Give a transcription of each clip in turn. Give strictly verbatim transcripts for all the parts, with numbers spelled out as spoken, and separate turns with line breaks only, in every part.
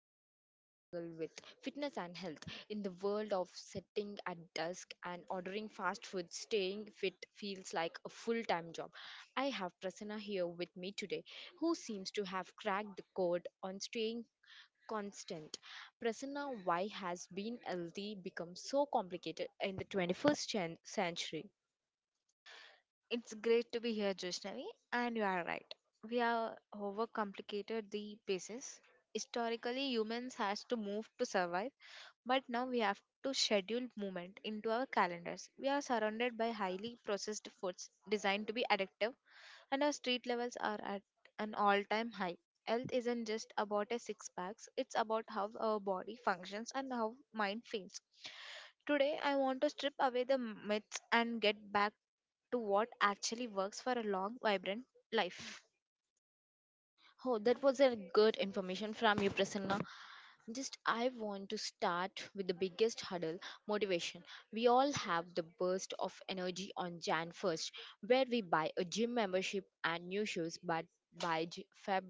often we struggle with fitness and health. In the world of sitting at dusk and ordering fast food, staying fit feels like a full time job. I have Prasanna here with me today, who seems to have cracked the code on staying constant. Prasanna, why has being healthy become so complicated in the twenty-first cen- century?
It's great to be here, Joshnavi, and you are right. We have overcomplicated the basis. Historically, humans has to move to survive, but now we have to schedule movement into our calendars. We are surrounded by highly processed foods designed to be addictive, and our street levels are at an all-time high. Health isn't just about a six packs; it's about how our body functions and how mind feels. Today, I want to strip away the myths and get back to what actually works for a long, vibrant life.
Oh, that was a good information from you, Prasanna. Just I want to start with the biggest hurdle motivation. We all have the burst of energy on January first, where we buy a gym membership and new shoes, but by J- Feb,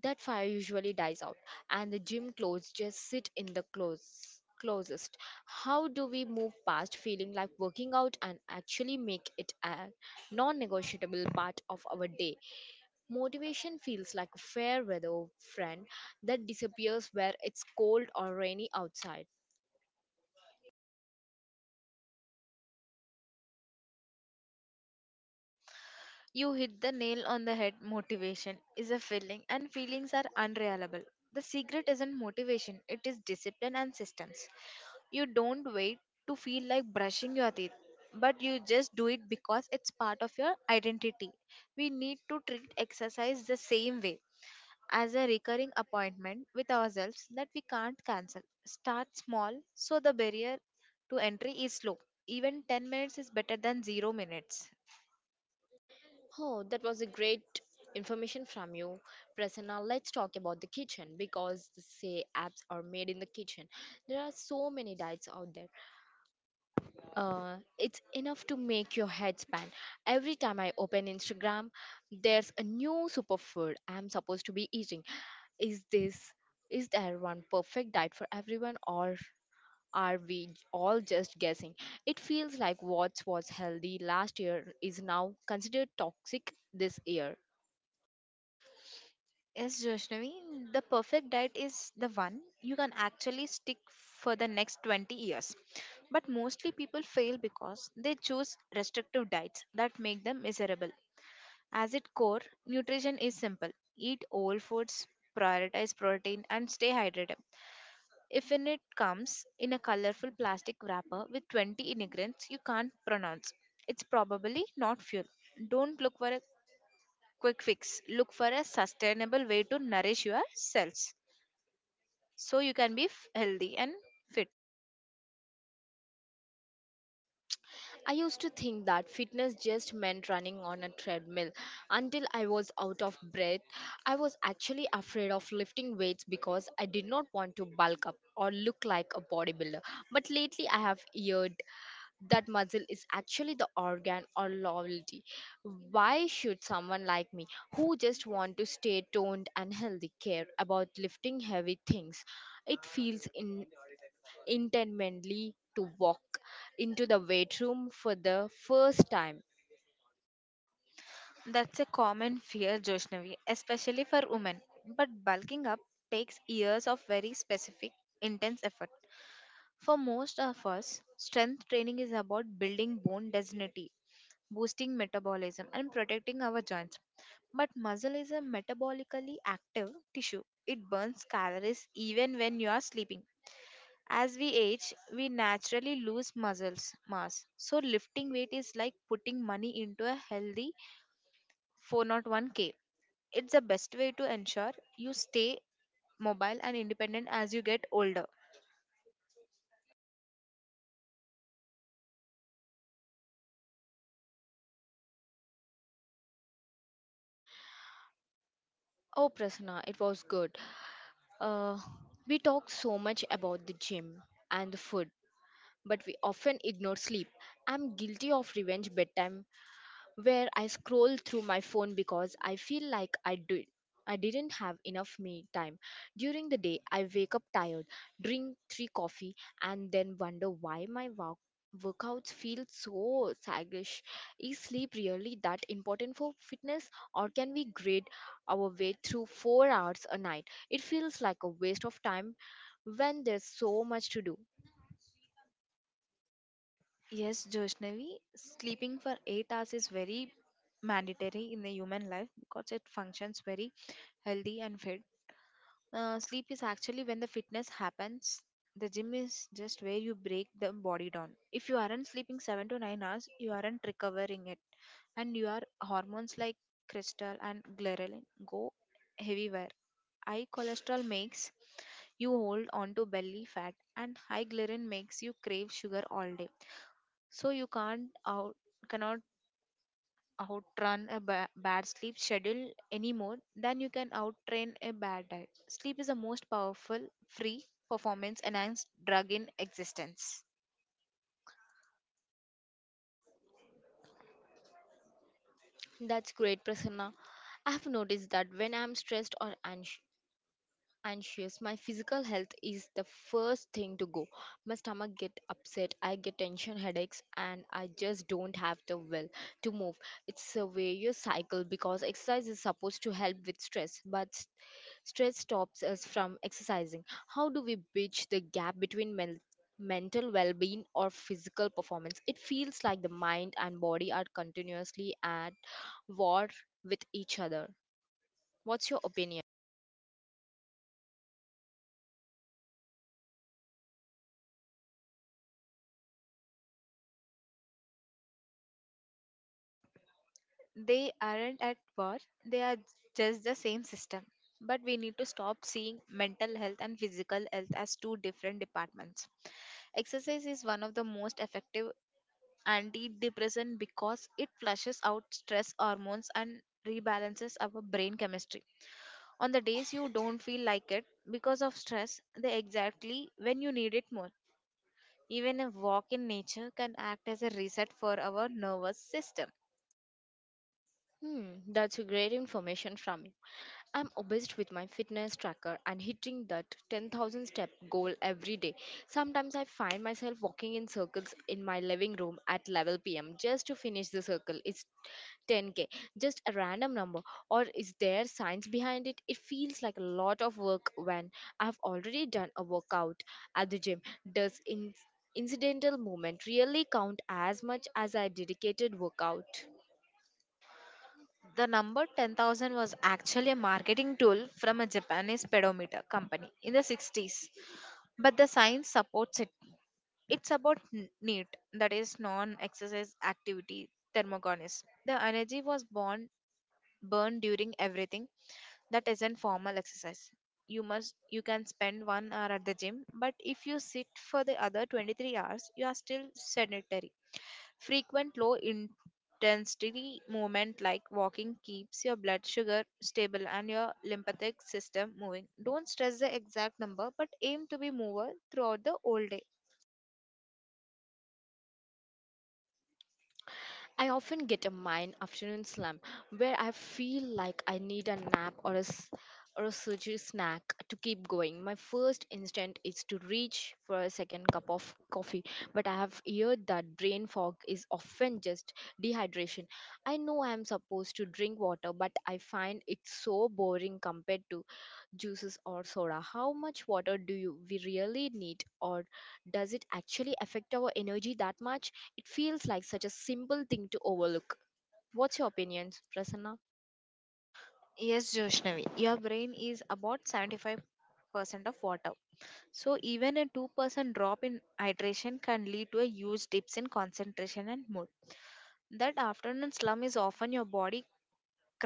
that fire usually dies out, and the gym clothes just sit in the clothes. Closest. How do we move past feeling like working out and actually make it a non negotiable part of our day? Motivation feels like a fair weather friend that disappears where it's cold or rainy outside.
You hit the nail on the head. Motivation is a feeling, and feelings are unreliable. The secret isn't motivation, it is discipline and systems. You don't wait to feel like brushing your teeth, but you just do it because it's part of your identity. We need to treat exercise the same way, as a recurring appointment with ourselves that we can't cancel. Start small so the barrier to entry is low. Even ten minutes is better than zero minutes.
Oh, that was a great information from you. Prasanna, let's talk about the kitchen because the say apps are made in the kitchen. There are so many diets out there. Uh, it's enough to make your head spin. Every time I open Instagram, there's a new superfood I'm supposed to be eating. Is this is there one perfect diet for everyone, or are we all just guessing? It feels like what was healthy last year is now considered toxic this year.
Yes, Joshnavi, the perfect diet is the one you can actually stick for the next twenty years. But mostly people fail because they choose restrictive diets that make them miserable. As its core, nutrition is simple, eat whole foods, prioritize protein, and stay hydrated. If in it comes in a colorful plastic wrapper with twenty ingredients you can't pronounce, it's probably not fuel. Don't look for a quick fix, look for a sustainable way to nourish your cells so you can be f- healthy and fit.
I used to think that fitness just meant running on a treadmill until I was out of breath. I was actually afraid of lifting weights because I did not want to bulk up or look like a bodybuilder. But lately, I have heard that muscle is actually the organ or loyalty. Why should someone like me who just want to stay toned and healthy care about lifting heavy things? It feels in intently to walk into the weight room for the first time.
That's a common fear, Joshnavi, especially for women. But bulking up takes years of very specific, intense effort. For most of us, strength training is about building bone density, boosting metabolism, and protecting our joints. But muscle is a metabolically active tissue. It burns calories even when you are sleeping. As we age, we naturally lose muscles mass. So lifting weight is like putting money into a healthy four oh one k. It's the best way to ensure you stay mobile and independent as you get older.
Oh, Prasanna, it was good. uh, we talk so much about the gym and the food, but we often ignore sleep. I'm guilty of revenge bedtime, where I scroll through my phone because I feel like I did. I didn't have enough me time. During the day, I wake up tired, drink three coffee, and then wonder why my work workouts feel so sluggish. Is sleep really that important for fitness, or can we grade our way through four hours a night? It feels like a waste of time when there's so much to do.
Yes, Joshnavi, sleeping for eight hours is very mandatory in the human life because it functions very healthy and fit. Uh, sleep is actually when the fitness happens. The gym is just where you break the body down. If you aren't sleeping seven to nine hours, you aren't recovering it, and your hormones like crystal and ghrelin go everywhere. High cholesterol makes you hold on to belly fat, and high ghrelin makes you crave sugar all day so you can't out cannot outrun a ba- bad sleep schedule any more than you can outtrain a bad diet. Sleep is the most powerful free performance enhanced drug in existence.
That's great, Prasanna. I have noticed that when I'm stressed or anx- anxious. My physical health is the first thing to go. My stomach get upset, I get tension headaches, and I just don't have the will to move. It's a various cycle because exercise is supposed to help with stress, but s- stress stops us from exercising. How do we bridge the gap between men- mental well-being or physical performance? It feels like the mind and body are continuously at war with each other. What's your opinion?
They aren't at war, they are just the same system, but we need to stop seeing mental health and physical health as two different departments. Exercise is one of the most effective antidepressant because it flushes out stress hormones and rebalances our brain chemistry. On the days you don't feel like it because of stress, they exactly when you need it more. Even a walk in nature can act as a reset for our nervous system.
Hmm, that's a great information from you. I'm obsessed with my fitness tracker and hitting that ten thousand step goal every day. Sometimes I find myself walking in circles in my living room at eleven p m just to finish the circle. It's ten k, just a random number, or is there science behind it? It feels like a lot of work when I've already done a workout at the gym. Does in- incidental movement really count as much as a dedicated workout?
The number ten thousand was actually a marketing tool from a Japanese pedometer company in the sixties, but the science supports it. It's about n- NEAT, that is non exercise activity thermogenesis. The energy was born burned during everything that isn't formal exercise. You must you can spend one hour at the gym, but if you sit for the other twenty-three hours, you are still sedentary. Frequent low intensity movement like walking keeps your blood sugar stable and your lymphatic system moving. Don't stress the exact number, but aim to be mover throughout the whole day.
I often get a mine afternoon slump where I feel like I need a nap or a, s- or a sugary snack to keep going. My first instinct is to reach for a second cup of coffee, but I have heard that brain fog is often just dehydration. I know I am supposed to drink water, but I find it so boring compared to juices or soda. How much water do you we really need, or does it actually affect our energy that much? It feels like such a simple thing to overlook. What's your opinion, Prasanna?
Yes, Joshnavi, your brain is about seventy-five percent of water. So even a two percent drop in hydration can lead to a huge dips in concentration and mood. That afternoon slump is often your body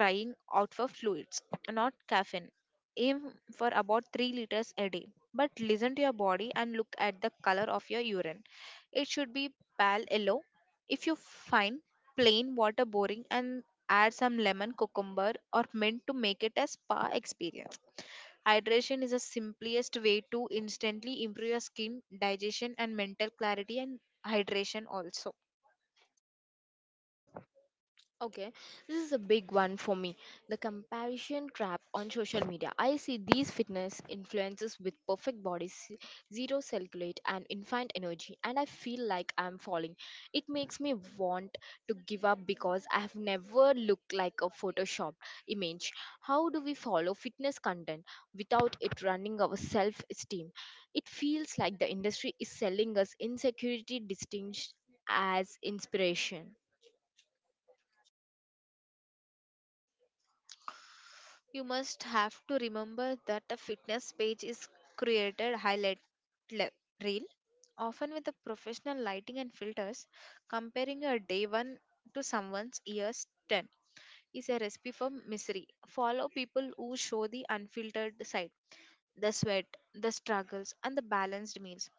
crying out for fluids, not caffeine. Aim for about three liters a day. But listen to your body and look at the color of your urine. It should be pale yellow. If you find plain water boring, and add some lemon, cucumber or mint to make it a spa experience. Hydration is the simplest way to instantly improve your skin, digestion, and mental clarity, and hydration also.
Okay, this is a big one for me. The comparison trap on social media. I see these fitness influencers with perfect bodies, zero circulate, and infinite energy, and I feel like I'm falling. It makes me want to give up because I have never looked like a Photoshop image. How do we follow fitness content without it running our self esteem? It feels like the industry is selling us insecurity distinct as inspiration.
You must have to remember that a fitness page is created highlight le- reel, often with the professional lighting and filters. Comparing your day one to someone's year's ten is a recipe for misery. Follow people who show the unfiltered side, the sweat, the struggles, and the balanced meals.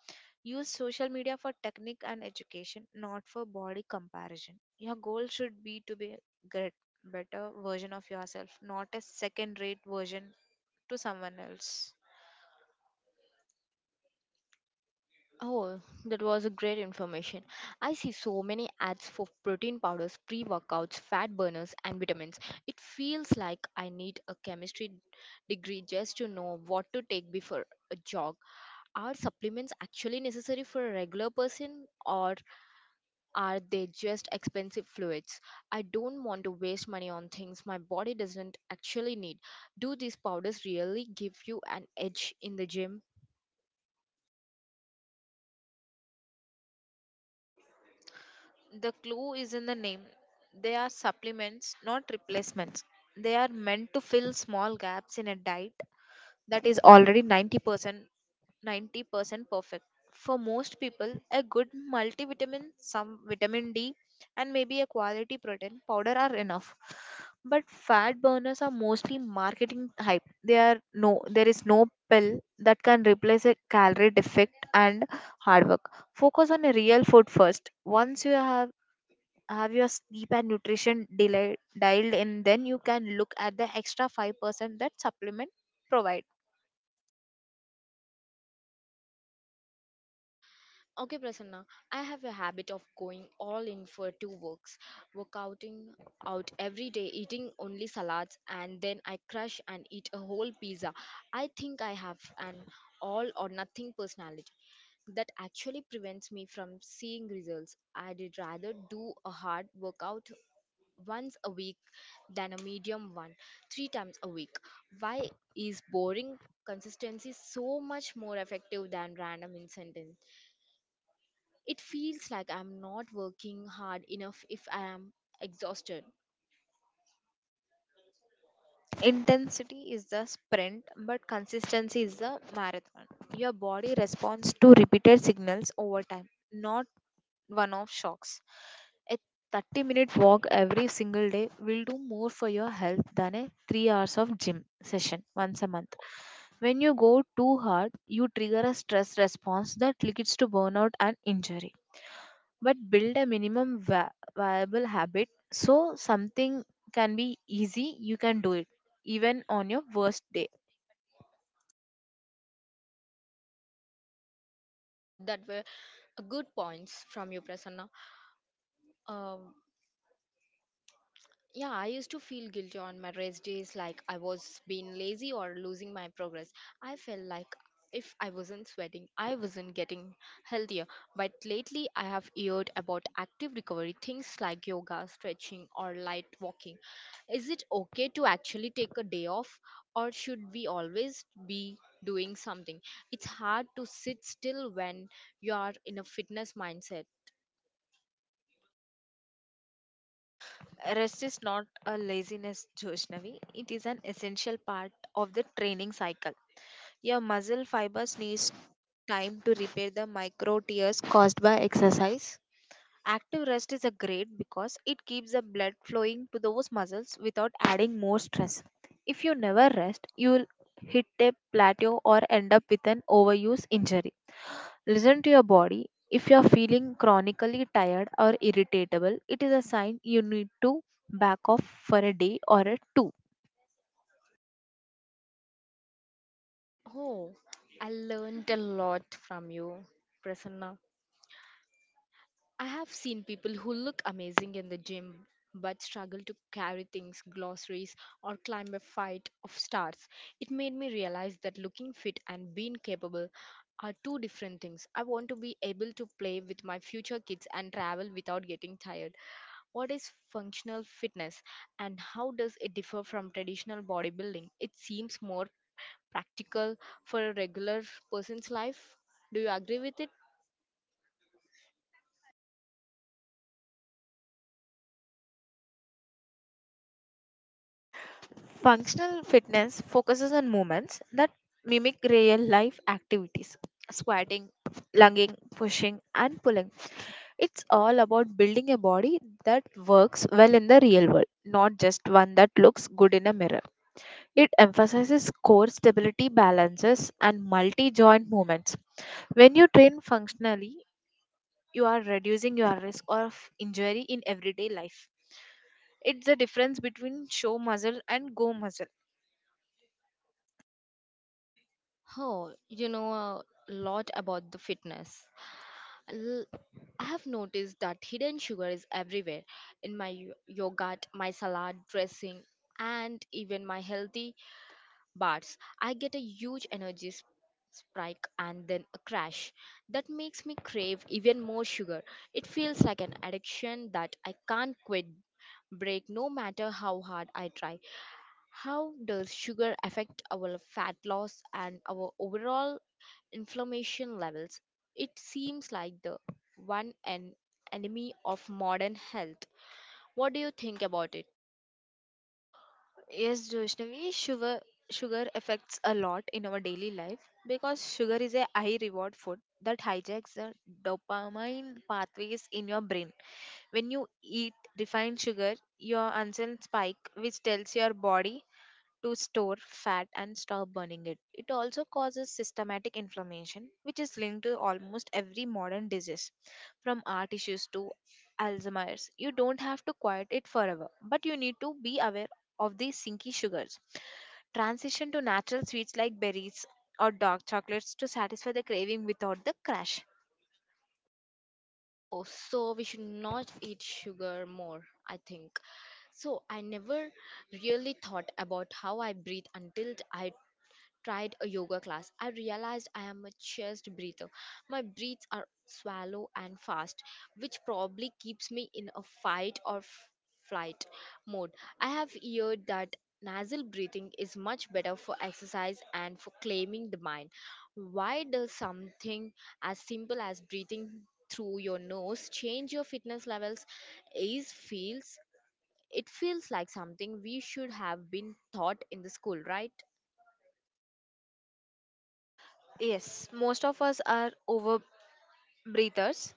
Use social media for technique and education, not for body comparison. Your goal should be to be a great, better version of yourself, not a second rate version to someone else.
Oh, that was a great information. I see so many ads for protein powders, pre-workouts, fat burners, and vitamins. It feels like I need a chemistry degree just to know what to take before a jog. Are supplements actually necessary for a regular person, or are they just expensive fluids? I don't want to waste money on things my body doesn't actually need. Do these powders really give you an edge in the gym?
The clue is in the name. They are supplements, not replacements. They are meant to fill small gaps in a diet that is already ninety percent ninety percent perfect. For most people, a good multivitamin, some vitamin D, and maybe a quality protein powder are enough. But fat burners are mostly marketing hype. They are no, there is no pill that can replace a calorie defect and hard work. Focus on a real food first. Once you have have your sleep and nutrition deli- dialed in, then you can look at the extra five percent that supplement provide.
Okay, Prasanna, I have a habit of going all in for two works, workouting out every day, eating only salads, and then I crush and eat a whole pizza. I think I have an all or nothing personality that actually prevents me from seeing results. I'd rather do a hard workout once a week than a medium one three times a week. Why is boring consistency so much more effective than random incentives? It feels like I'm not working hard enough if I am exhausted.
Intensity is the sprint, but consistency is the marathon. Your body responds to repeated signals over time, not one off shocks. A thirty minute walk every single day will do more for your health than a three hours of gym session once a month. When you go too hard, you trigger a stress response that leads to burnout and injury, but build a minimum va- viable habit, so something can be easy you can do it even on your worst day.
Oh, that were a good points from you, Prasanna. Um, Yeah, I used to feel guilty on my rest days, like I was being lazy or losing my progress. I felt like if I wasn't sweating, I wasn't getting healthier. But lately, I have heard about active recovery things like yoga, stretching, or light walking. Is it okay to actually take a day off, or should we always be doing something? It's hard to sit still when you are in a fitness mindset.
Rest is not a laziness, Joshnavi. It is an essential part of the training cycle. Your muscle fibers needs time to repair the micro tears caused by exercise. Active rest is a great because it keeps the blood flowing to those muscles without adding more stress. If you never rest, you will hit a plateau or end up with an overuse injury. Listen to your body. If you are feeling chronically tired or irritable, it is a sign you need to back off for a day or a two.
Oh, I learned a lot from you, Prasanna. I have seen people who look amazing in the gym but struggle to carry things, glossaries, or climb a fight of stars. It made me realize that looking fit and being capable are two different things. I want to be able to play with my future kids and travel without getting tired. What is functional fitness and how does it differ from traditional bodybuilding? It seems more practical for a regular person's life. Do you agree with it?
Functional fitness focuses on movements that mimic real life activities, squatting, lunging, pushing, and pulling. It's all about building a body that works well in the real world, not just one that looks good in a mirror. It emphasizes core stability balances and multi joint movements. When you train functionally, you are reducing your risk of injury in everyday life. It's the difference between show muscle and go muscle.
Oh, you know a lot about the fitness. L- I have noticed that hidden sugar is everywhere in my yo- yogurt, my salad dressing, and even my healthy bars. I get a huge energy sp- spike and then a crash that makes me crave even more sugar. It feels like an addiction that I can't quit break no matter how hard I try. How does sugar affect our fat loss and our overall inflammation levels? It seems like the one and enemy of modern health. What do you think about it?
Yes, Joshnavi, sugar sugar affects a lot in our daily life because sugar is a high reward food that hijacks the dopamine pathways in your brain. When you eat refined sugar, your insulin spike, which tells your body to store fat and stop burning it. It also causes systematic inflammation, which is linked to almost every modern disease, from heart issues to Alzheimer's. You don't have to quiet it forever, but you need to be aware of the sinky sugars. Transition to natural sweets like berries or dark chocolates to satisfy the craving without the crash.
Oh, so we should not eat sugar more, I think. So I never really thought about how I breathe until I tried a yoga class. I realized I am a chest breather. My breaths are shallow and fast, which probably keeps me in a fight or f- flight mode. I have heard that nasal breathing is much better for exercise and for claiming the mind. Why does something as simple as breathing through your nose change your fitness levels? Is feels it feels like something we should have been taught in the school, right?
Yes, most of us are over breathers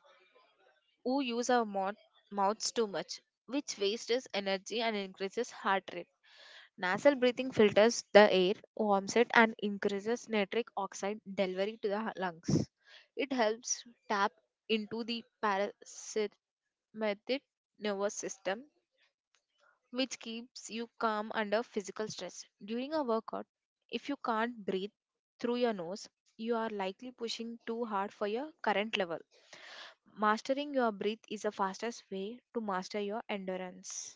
who use our mouth, mouths too much, which wastes energy and increases heart rate. Nasal breathing filters the air, warms it, and increases nitric oxide delivery to the lungs. It helps tap into the parasympathetic nervous system, which keeps you calm under physical stress. During a workout, if you can't breathe through your nose, you are likely pushing too hard for your current level. Mastering your breath is the fastest way to master your endurance.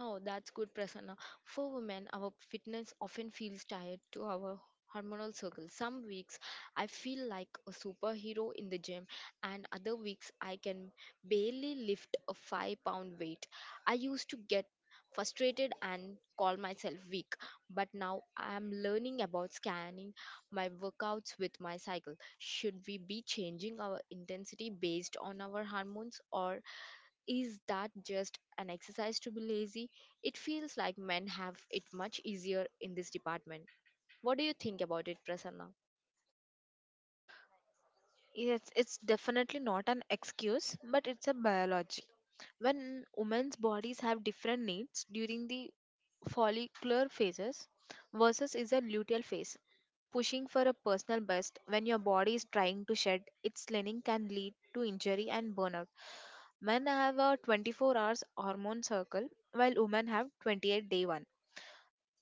Oh, that's good, Prasanna. For women, our fitness often feels tied to our hormonal circle. Some weeks I feel like a superhero in the gym, and other weeks I can barely lift a five pound weight. I used to get frustrated and call myself weak, but now I am learning about scanning my workouts with my cycle. Should we be changing our intensity based on our hormones, or is that just an exercise to be lazy? It feels like men have it much easier in this department. What do you think about it, Prasanna?
Yes, it's definitely not an excuse, but it's a biology. When women's bodies have different needs during the follicular phases versus is a luteal phase. Pushing for a personal best when your body is trying to shed its lining can lead to injury and burnout. Men have a twenty-four hours hormone cycle while women have twenty-eight day one.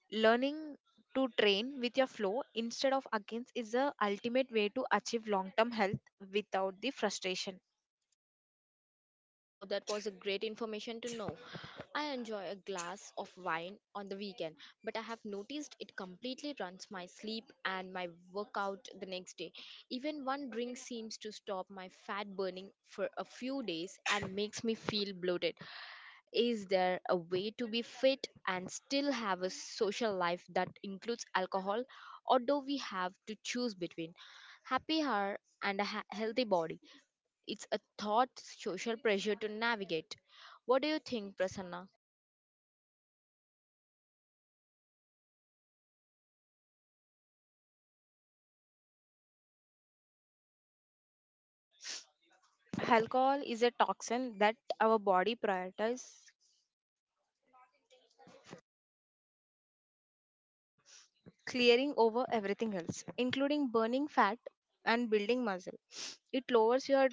Learning to train with your flow instead of against is the ultimate way to achieve long term health without the frustration.
Oh, that was a great information to know. I enjoy a glass of wine on the weekend, but I have noticed it completely runs my sleep and my workout the next day. Even one drink seems to stop my fat burning for a few days and makes me feel bloated. Is there a way to be fit and still have a social life that includes alcohol, or do we have to choose between happy hour and a ha- healthy body? It's a thought social pressure to navigate. What do you think, Prasanna?
Alcohol is a toxin that our body prioritizes clearing over everything else, including burning fat and building muscle. It lowers your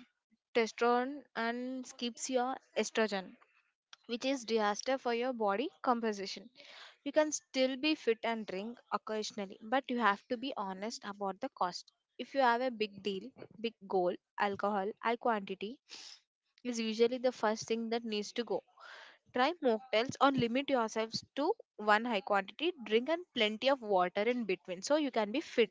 testosterone and skips your estrogen, which is disaster for your body composition. You can still be fit and drink occasionally, but you have to be honest about the cost. If you have a big deal, big goal, alcohol, high quantity is usually the first thing that needs to go. Try mocktails or limit yourselves to one high quantity drink and plenty of water in between so you can be fit.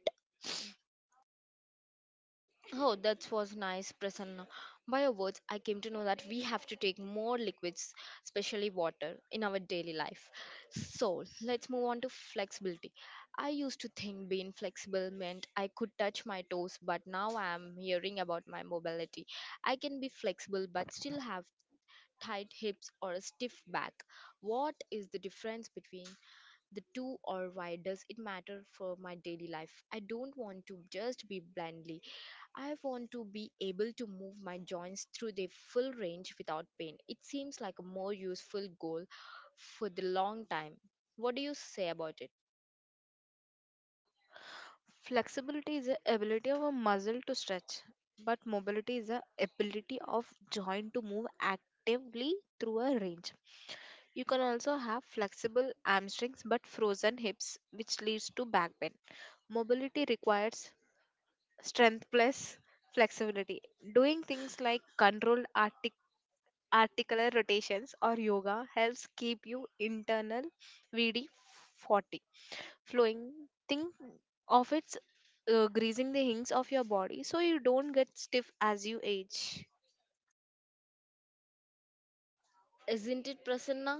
Oh, that was nice, Prasanna. By your words, I came to know that we have to take more liquids, especially water, in our daily life. So, let's move on to flexibility. I used to think being flexible meant I could touch my toes, but now I am hearing about my mobility. I can be flexible but still have tight hips or a stiff back. What is the difference between the two, or why does it matter for my daily life? I don't want to just be blindly. I want to be able to move my joints through their full range without pain. It seems like a more useful goal for the long time. What do you say about it?
Flexibility is the ability of a muscle to stretch, but mobility is the ability of joint to move actively through a range. You can also have flexible hamstrings but frozen hips, which leads to back pain. Mobility requires strength plus flexibility. Doing things like controlled artic- articular rotations or yoga helps keep you internal V D forty flowing. Think of it uh, greasing the hinges of your body so you don't get stiff as you age.
Isn't it, Prasanna?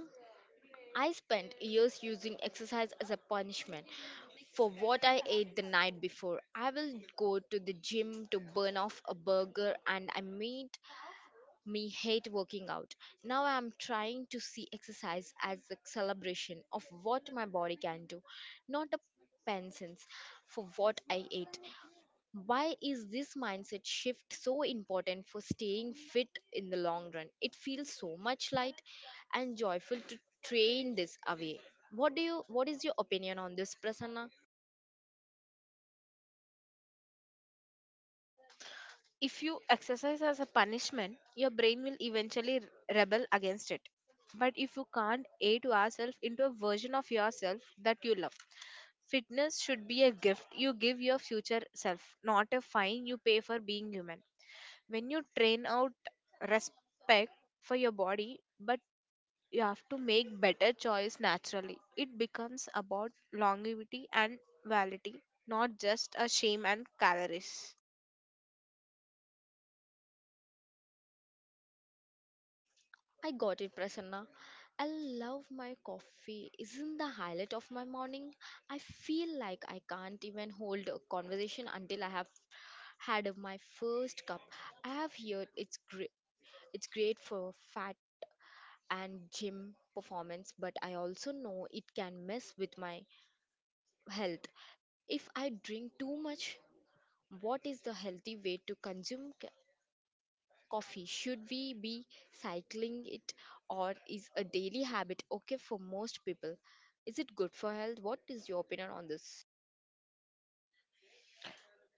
I spent years using exercise as a punishment for what I ate the night before. I will go to the gym to burn off a burger, and I meat me hate working out. Now I am trying to see exercise as a celebration of what my body can do, not a penance for what I ate. Why is this mindset shift so important for staying fit in the long run? It feels so much light and joyful to train this away. What do you what is your opinion on this, Prasanna?
If you exercise as a punishment, your brain will eventually rebel against it. But if you can't aid yourself into a version of yourself that you love, fitness should be a gift you give your future self, not a fine you pay for being human. When you train out respect for your body, but you have to make better choice naturally. It becomes about longevity and validity, not just a shame and calories.
I got it, Prasanna. I love my coffee. Isn't the highlight of my morning? I feel like I can't even hold a conversation until I have had my first cup. I have heard it's great. It's great for fat and gym performance, but I also know it can mess with my health if I drink too much. What is the healthy way to consume coffee? Should we be cycling it, or is a daily habit okay for most people? Is it good for health? What is your opinion on this?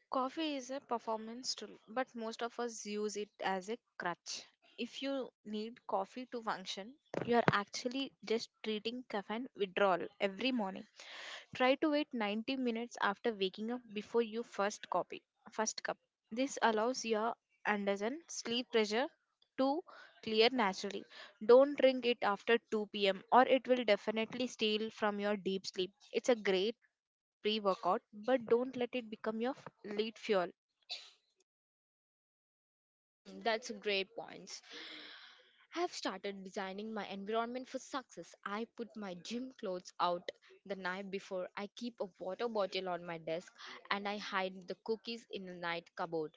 Coffee is a performance tool, but most of us use it as a crutch. If you need coffee to function, you are actually just treating caffeine withdrawal every morning. Try to wait ninety minutes after waking up before your first copy, first cup. This allows your Anderson sleep pressure to clear naturally. Don't drink it after two p m or it will definitely steal from your deep sleep. It's a great pre workout, but don't let it become your f- lead fuel.
Hmm, that's a great point. I've started designing my environment for success. I put my gym clothes out the night before. I keep a water bottle on my desk, and I hide the cookies in the night cupboard.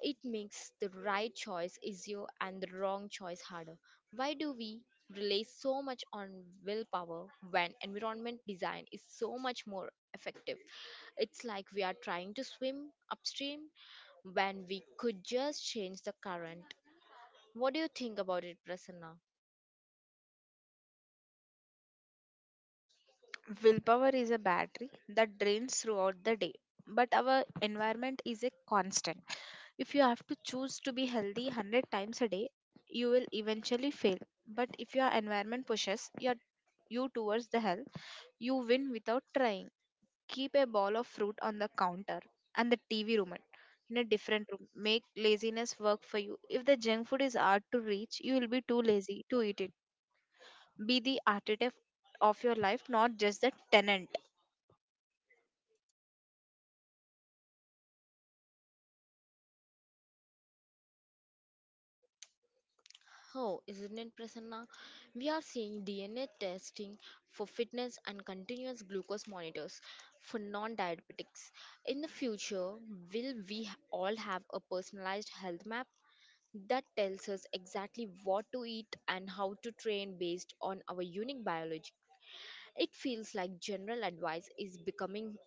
It makes the right choice easier and the wrong choice harder. Why do we rely so much on willpower when environment design is so much more effective? It's like we are trying to swim upstream when we could just change the current. What do you think about it, Prasanna?
Willpower is a battery that drains throughout the day, but our environment is a constant. If you have to choose to be healthy a hundred times a day, you will eventually fail. But if your environment pushes your, you towards the health, you win without trying. Keep a ball of fruit on the counter and the T V remote in a different room. Make laziness work for you. If the junk food is hard to reach, you will be too lazy to eat it. Be the architect of your life, not just the tenant.
Oh, isn't it, Prasanna? We are seeing D N A testing for fitness and continuous glucose monitors for non diabetics. In the future, will we all have a personalized health map that tells us exactly what to eat and how to train based on our unique biology? It feels like general advice is becoming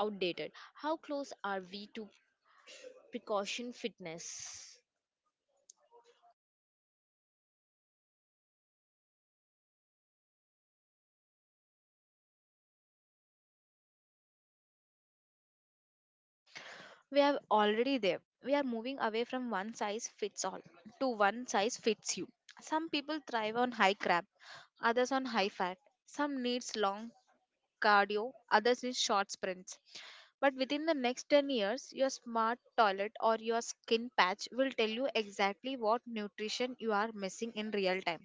outdated. How close are we to precaution fitness?
We are already there. We are moving away from one size fits all to one size fits you. Some people thrive on high carb, others on high fat. Some needs long cardio, others need short sprints. But within the next ten years, your smart toilet or your skin patch will tell you exactly what nutrition you are missing in real time.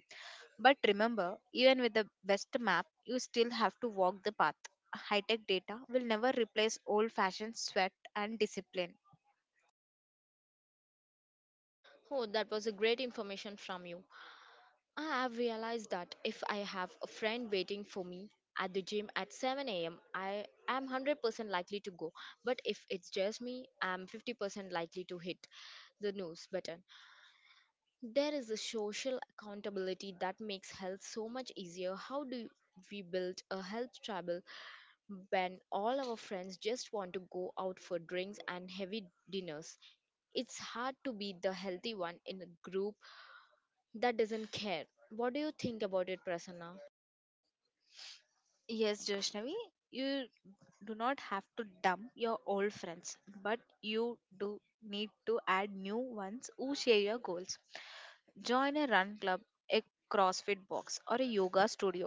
But remember, even with the best map, you still have to walk the path. High tech data will never replace old fashioned sweat and discipline.
Oh, that was a great information from you. I have realized that if I have a friend waiting for me at the gym at seven a m, I am one hundred percent likely to go. But if it's just me, I'm fifty percent likely to hit the snooze button. There is a social accountability that makes health so much easier. How do we build a health travel when all our friends just want to go out for drinks and heavy dinners? It's hard to be the healthy one in a group that doesn't care. What do you think about it, Prasanna?
Yes, Joshnavi, you do not have to dump your old friends, but you do need to add new ones who share your goals. Join a run club, a CrossFit box, or a yoga studio.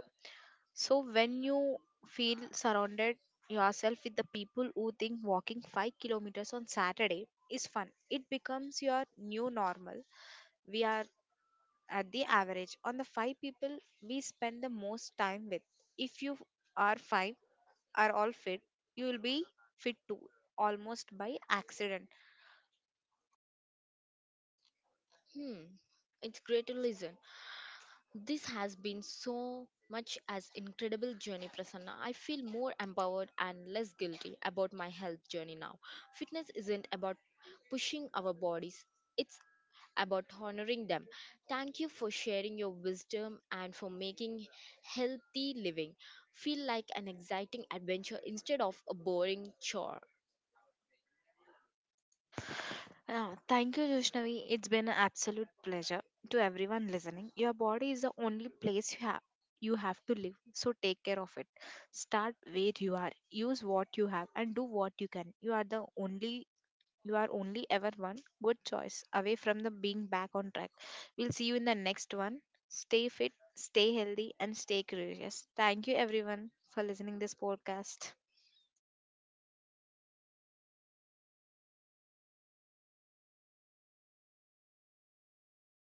So when you feel surrounded yourself with the people who think walking five kilometers on Saturday is fun, it becomes your new normal. We are at the average on the five people we spend the most time with. If you are five are all fit, you will be fit too almost by accident.
Hmm, it's great to listen. This has been so much as incredible journey, Prasanna. I feel more empowered and less guilty about my health journey now. Fitness isn't about pushing our bodies; it's about honoring them. Thank you for sharing your wisdom and for making healthy living feel like an exciting adventure instead of a boring chore.
Yeah, thank you, Joshnavi. It's been an absolute pleasure. To everyone listening, your body is the only place you have you have to live. So take care of it. Start where you are. Use what you have and do what you can. You are the only you are only ever one good choice away from the being back on track. We'll see you in the next one. Stay fit, stay healthy and stay curious. Thank you everyone for listening this podcast.